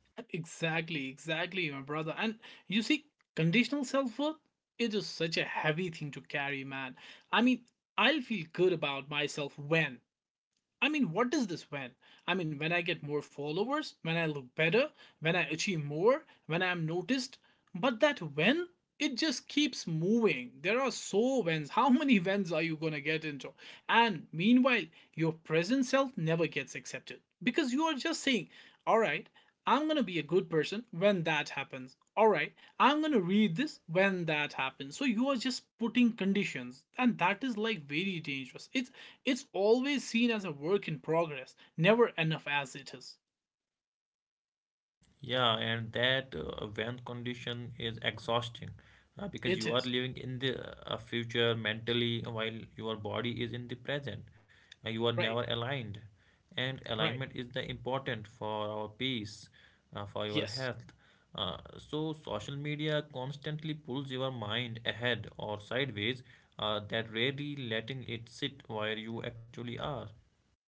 [SPEAKER 1] Exactly, exactly, my brother. And you see, conditional self worth, it is such a heavy thing to carry, man. I mean, I'll feel good about myself when, I mean, what does this when? I mean, when I get more followers, when I look better, when I achieve more, when I'm noticed. But that when, it just keeps moving. There are so wins. How many wins are you going to get into? And meanwhile, your present self never gets accepted because you are just saying, all right, I'm going to be a good person when that happens. All right, I'm going to read this when that happens. So you are just putting conditions, and that is like very dangerous. It's always seen as a work in progress, never enough as it is.
[SPEAKER 2] Yeah, and that when condition is exhausting because
[SPEAKER 1] It
[SPEAKER 2] you are
[SPEAKER 1] is.
[SPEAKER 2] living in the future mentally while your body is in the present. You are never
[SPEAKER 1] Right.
[SPEAKER 2] aligned, and
[SPEAKER 1] Right.
[SPEAKER 2] alignment is the important for our peace, for your
[SPEAKER 1] Yes.
[SPEAKER 2] health. So social media constantly pulls your mind ahead or sideways, that rarely letting it sit where you actually are.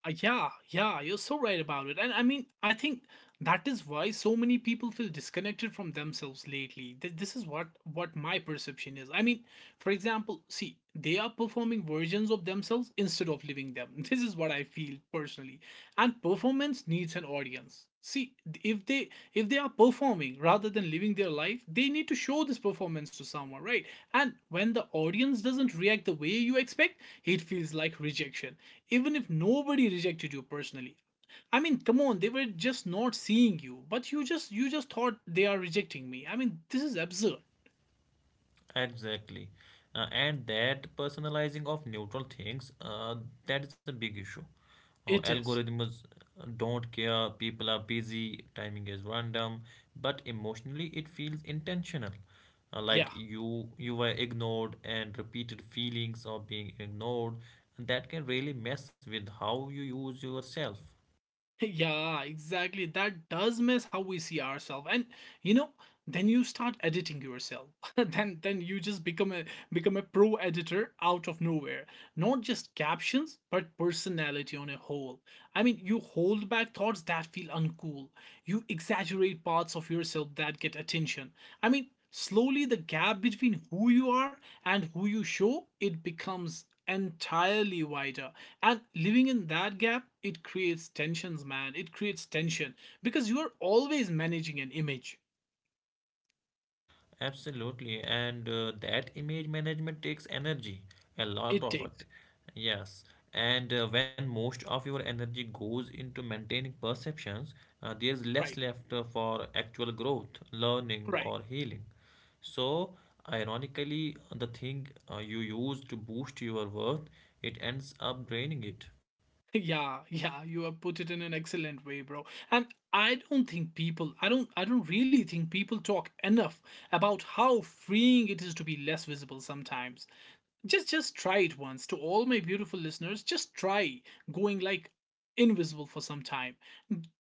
[SPEAKER 1] Yeah, yeah, you're so right about it. And I mean, I think that is why so many people feel disconnected from themselves lately. This is what my perception is. I mean, for example, see, they are performing versions of themselves instead of living them. This is what I feel personally. And performance needs an audience. See, if they if they are performing rather than living their life, they need to show this performance to someone, right? And when the audience doesn't react the way you expect, it feels like rejection even if nobody rejected you personally. I mean, come on, they were just not seeing you, but you just thought they are rejecting me. I mean, this is absurd.
[SPEAKER 2] Exactly. And that personalizing of neutral things, that is a big issue.
[SPEAKER 1] It is.
[SPEAKER 2] Algorithms don't care, people are busy, timing is random, but emotionally it feels intentional.
[SPEAKER 1] Yeah.
[SPEAKER 2] Like you were ignored, and repeated feelings of being ignored, and that can really mess with how you use yourself.
[SPEAKER 1] Yeah, exactly. That does mess how we see ourselves. And you know, then you start editing yourself. Then you just become a pro editor out of nowhere. Not just captions, but personality on a whole. I mean, you hold back thoughts that feel uncool. You exaggerate parts of yourself that get attention. I mean, slowly the gap between who you are and who you show, it becomes entirely wider, and living in that gap, it creates tensions, man, it creates tension, because you are always managing an image.
[SPEAKER 2] Absolutely, and that image management takes energy, a lot
[SPEAKER 1] It
[SPEAKER 2] of
[SPEAKER 1] takes.
[SPEAKER 2] it. Yes, and when most of your energy goes into maintaining perceptions, there's less
[SPEAKER 1] Right.
[SPEAKER 2] left for actual growth, learning,
[SPEAKER 1] Right.
[SPEAKER 2] or healing. So, ironically, the thing you use to boost your worth, it ends up draining it.
[SPEAKER 1] Yeah, yeah, you have put it in an excellent way, bro. And I don't really think people talk enough about how freeing it is to be less visible sometimes. Just try it once. To all my beautiful listeners, just try going like invisible for some time.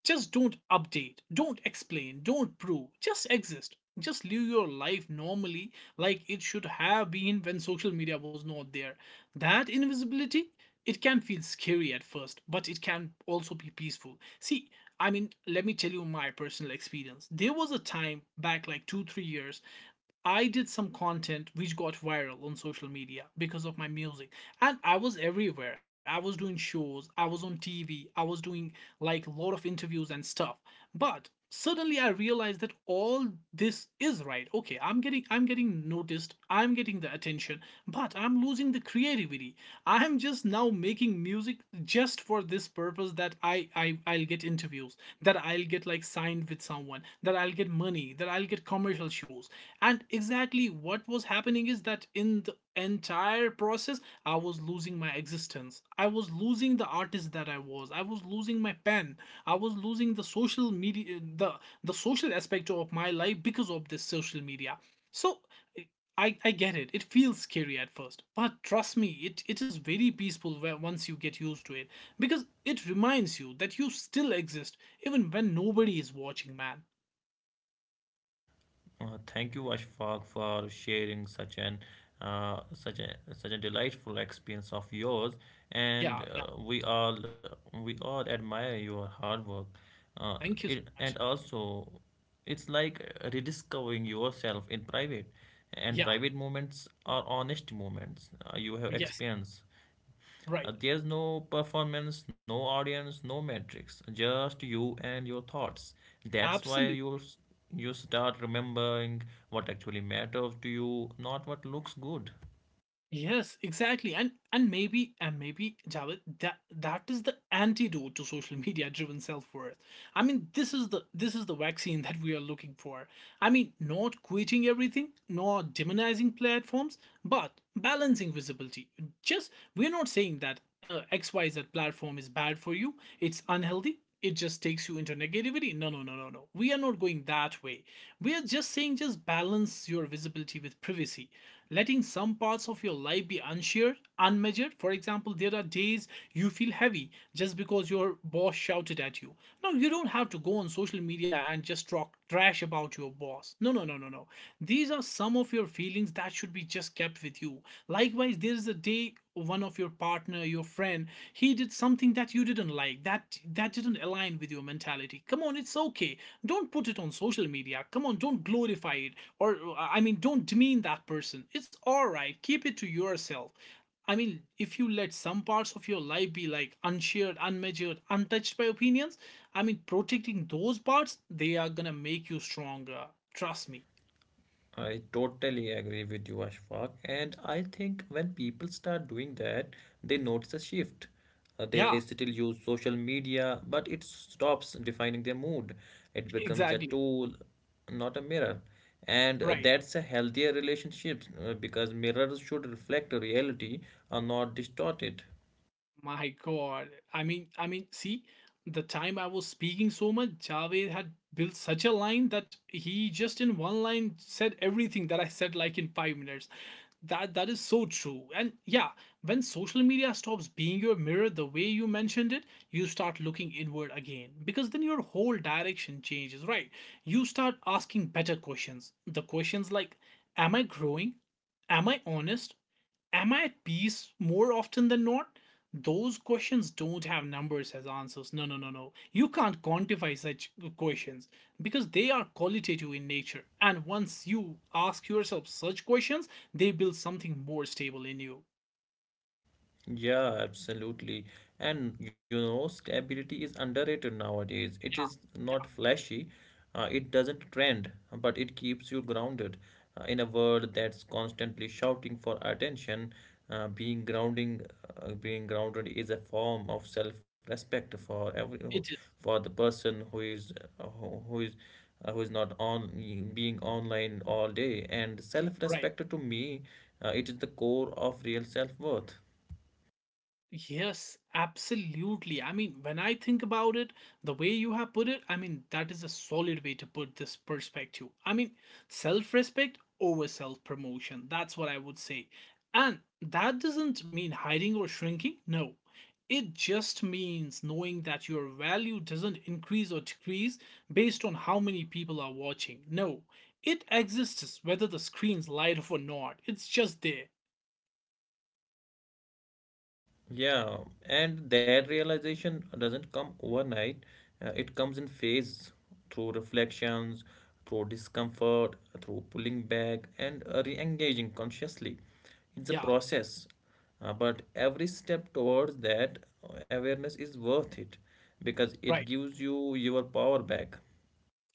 [SPEAKER 1] Just don't update, don't explain, don't prove, just exist, just live your life normally, like it should have been when social media was not there. That invisibility, it can feel scary at first, but it can also be peaceful. See, I mean, let me tell you my personal experience. There was a time back like 2 3 years I did some content which got viral on social media because of my music. And I was everywhere. I was doing shows, I was on TV, I was doing like a lot of interviews and stuff. But suddenly I realized that all this is right. Okay, I'm getting noticed, I'm getting the attention, but I'm losing the creativity. I'm just now making music just for this purpose, that I I'll get interviews, that I'll get like signed with someone, that I'll get money, that I'll get commercial shows. And exactly what was happening is that in the entire process, I was losing my existence, I was losing the artist that I was, I was losing my pen, I was losing the social media, the social aspect of my life because of this social media. So I get it. It feels scary at first, but trust me, it is very peaceful once you get used to it. Because it reminds you that you still exist even when nobody is watching, man.
[SPEAKER 2] Thank you, Ashfaq, for sharing such an such a delightful experience of yours,
[SPEAKER 1] Yeah,
[SPEAKER 2] and
[SPEAKER 1] yeah.
[SPEAKER 2] uh, we all we all admire your hard work.
[SPEAKER 1] Thank you so
[SPEAKER 2] And
[SPEAKER 1] much.
[SPEAKER 2] also, it's like rediscovering yourself in private, and
[SPEAKER 1] Yeah,
[SPEAKER 2] private moments are honest moments you have
[SPEAKER 1] yes,
[SPEAKER 2] experienced.
[SPEAKER 1] right.
[SPEAKER 2] There's no performance, no audience, no metrics, just you and your thoughts. That's why
[SPEAKER 1] Absolutely.
[SPEAKER 2] you start remembering what actually matters to you, not what looks good.
[SPEAKER 1] Yes, exactly. And maybe Javed, that is the antidote to social media driven self-worth. I mean, this is the vaccine that we are looking for. I mean, not quitting everything, nor demonizing platforms, but balancing visibility. Just we're not saying that XYZ platform is bad for you, it's unhealthy, it just takes you into negativity. No, no, no, no, no, we are not going that way. We are just saying, just balance your visibility with privacy, letting some parts of your life be unshared, unmeasured. For example, there are days you feel heavy just because your boss shouted at you. Now you don't have to go on social media and just talk trash about your boss. No, no, no, no, no. These are some of your feelings that should be just kept with you. Likewise, there is a day one of your partner, your friend, he did something that you didn't like, that didn't align with your mentality. Come on, it's okay. Don't put it on social media, come on, don't glorify it, or I mean, don't demean that person. It's all right, keep it to yourself. I mean, if you let some parts of your life be like unshared, unmeasured, untouched by opinions, I mean, protecting those parts, they are gonna make you stronger, trust me.
[SPEAKER 2] I totally agree with you, Ashfaq. And I think when people start doing that, they notice a shift. They
[SPEAKER 1] Yeah.
[SPEAKER 2] still use social media, but it stops defining their mood. It becomes a
[SPEAKER 1] Exactly.
[SPEAKER 2] tool, not a mirror. And
[SPEAKER 1] Right.
[SPEAKER 2] that's a healthier relationship because mirrors should reflect reality and not distort it.
[SPEAKER 1] My God. I mean, see, the time I was speaking so much, Javed had built such a line that he just in one line said everything that I said like in 5 minutes. That that is so true. And yeah, when social media stops being your mirror the way you mentioned it, you start looking inward again. Because then your whole direction changes, right? You start asking better questions. The questions like, am I growing? Am I honest? Am I at peace more often than not? Those questions don't have numbers as answers. No, no, no, no. You can't quantify such questions, because they are qualitative in nature. And once you ask yourself such questions, they build something more stable in you.
[SPEAKER 2] Yeah, absolutely. And you know, stability is underrated nowadays. It is
[SPEAKER 1] Yeah,
[SPEAKER 2] not flashy, it doesn't trend, but it keeps you grounded. In a world that's constantly shouting for attention, uh, being grounding, being grounded is a form of self-respect for every
[SPEAKER 1] yeah, it is.
[SPEAKER 2] for the person who is uh, who who is who is not on being online all day. And
[SPEAKER 1] Right.
[SPEAKER 2] self-respect to me, it is the core of real self-worth.
[SPEAKER 1] Yes, absolutely. I mean, when I think about it, the way you have put it, I mean, that is a solid way to put this perspective. I mean, self respect over self promotion. That's what I would say. And that doesn't mean hiding or shrinking. No. It just means knowing that your value doesn't increase or decrease based on how many people are watching. No. It exists whether the screen's light up or not. It's just there.
[SPEAKER 2] Yeah, and that realization doesn't come overnight. It comes in phase through reflections, through discomfort, through pulling back, and re engaging consciously. It's a
[SPEAKER 1] Yeah,
[SPEAKER 2] process, but every step towards that awareness is worth it because it
[SPEAKER 1] right.
[SPEAKER 2] gives you your power back.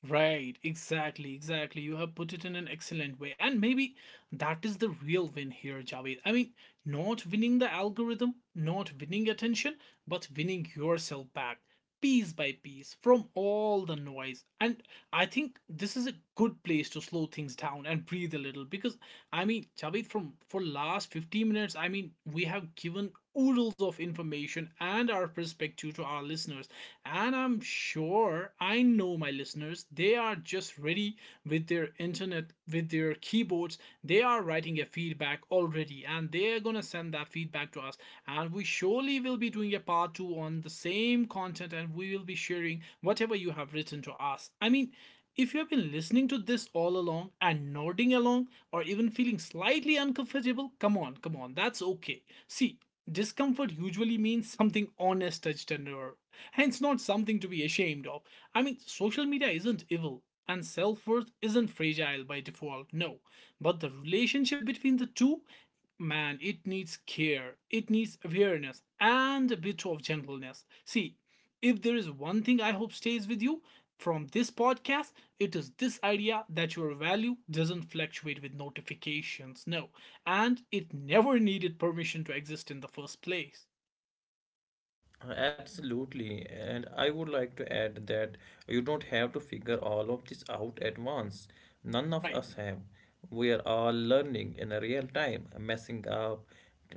[SPEAKER 1] Right, exactly, exactly. You have put it in an excellent way. And maybe that is the real win here, Javed. I mean, not winning the algorithm, not winning attention, but winning yourself back piece by piece from all the noise. And I think this is a good place to slow things down and breathe a little, because I mean, Chavit, from for last 15 minutes, I mean, we have given oodles of information and our perspective to our listeners. And I'm sure, I know my listeners, they are just ready with their internet, with their keyboards. They are writing a feedback already, and they are gonna send that feedback to us. And we surely will be doing a part two on the same content, and we will be sharing whatever you have written to us. I mean, if you have been listening to this all along and nodding along, or even feeling slightly uncomfortable, come on, come on, that's okay. See, discomfort usually means something honest touched under, hence not something to be ashamed of. I mean, social media isn't evil and self worth isn't fragile by default, no. But the relationship between the two, man, it needs care, it needs awareness, and a bit of gentleness. See, if there is one thing I hope stays with you from this podcast, it is this idea that your value doesn't fluctuate with notifications, no, and it never needed permission to exist in the first place.
[SPEAKER 2] Absolutely, and I would like to add that you don't have to figure all of this out at once. None of
[SPEAKER 1] Right,
[SPEAKER 2] us have. We are all learning in a real time, messing up,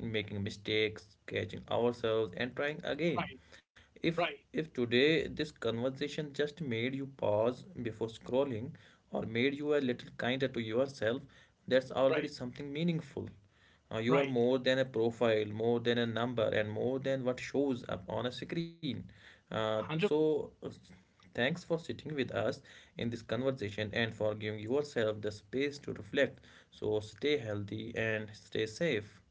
[SPEAKER 2] making mistakes, catching ourselves, and trying again.
[SPEAKER 1] right,
[SPEAKER 2] If
[SPEAKER 1] right,
[SPEAKER 2] if today this conversation just made you pause before scrolling or made you a little kinder to yourself, that's already
[SPEAKER 1] right,
[SPEAKER 2] something meaningful. You are
[SPEAKER 1] right.
[SPEAKER 2] more than a profile, more than a number, and more than what shows up on a screen. Uh, so,
[SPEAKER 1] 100%.
[SPEAKER 2] uh, thanks for sitting with us in this conversation and for giving yourself the space to reflect. So, stay healthy and stay safe.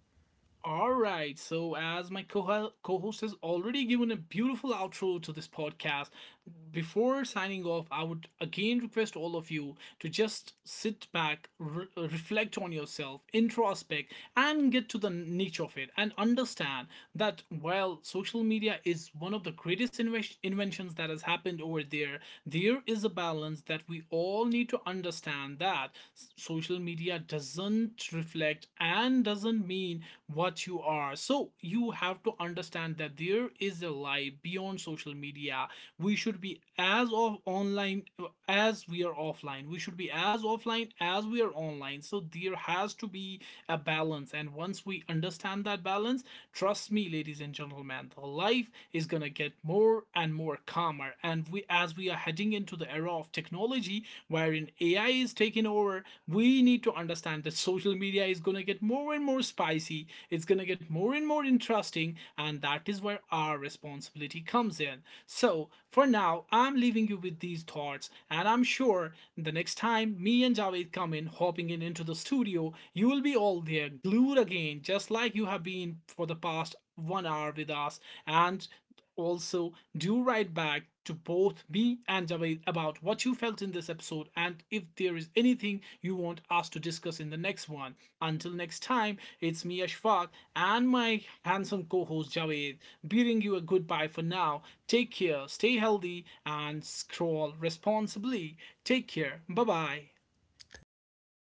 [SPEAKER 1] All right. So, as my co host has already given a beautiful outro to this podcast, before signing off, I would again request all of you to just sit back, reflect on yourself, introspect, and get to the niche of it and understand that while social media is one of the greatest inventions that has happened over there, there is a balance that we all need to understand. Understand that social media doesn't reflect and doesn't mean what you are. So you have to understand that there is a life beyond social media. We should be as of online as we are offline. We should be as offline as we are online. So there has to be a balance. And once we understand that balance, trust me, ladies and gentlemen, the life is gonna get more and more calmer. And we, as we are heading into the era of technology wherein AI is taking over, we need to understand that social media is going to get more and more spicy, it's going to get more and more interesting, and that is where our responsibility comes in. So, for now, I'm leaving you with these thoughts, and I'm sure the next time me and Javed come in, hopping in into the studio, you will be all there, glued again, just like you have been for the past one hour with us. And also, do write back to both me and Javed about what you felt in this episode and if there is anything you want us to discuss in the next one. Until next time, it's me Ashfaq and my handsome co-host Javed bidding you a goodbye for now. Take care, stay healthy and scroll responsibly. Take care. Bye-bye.
[SPEAKER 2] Thank you.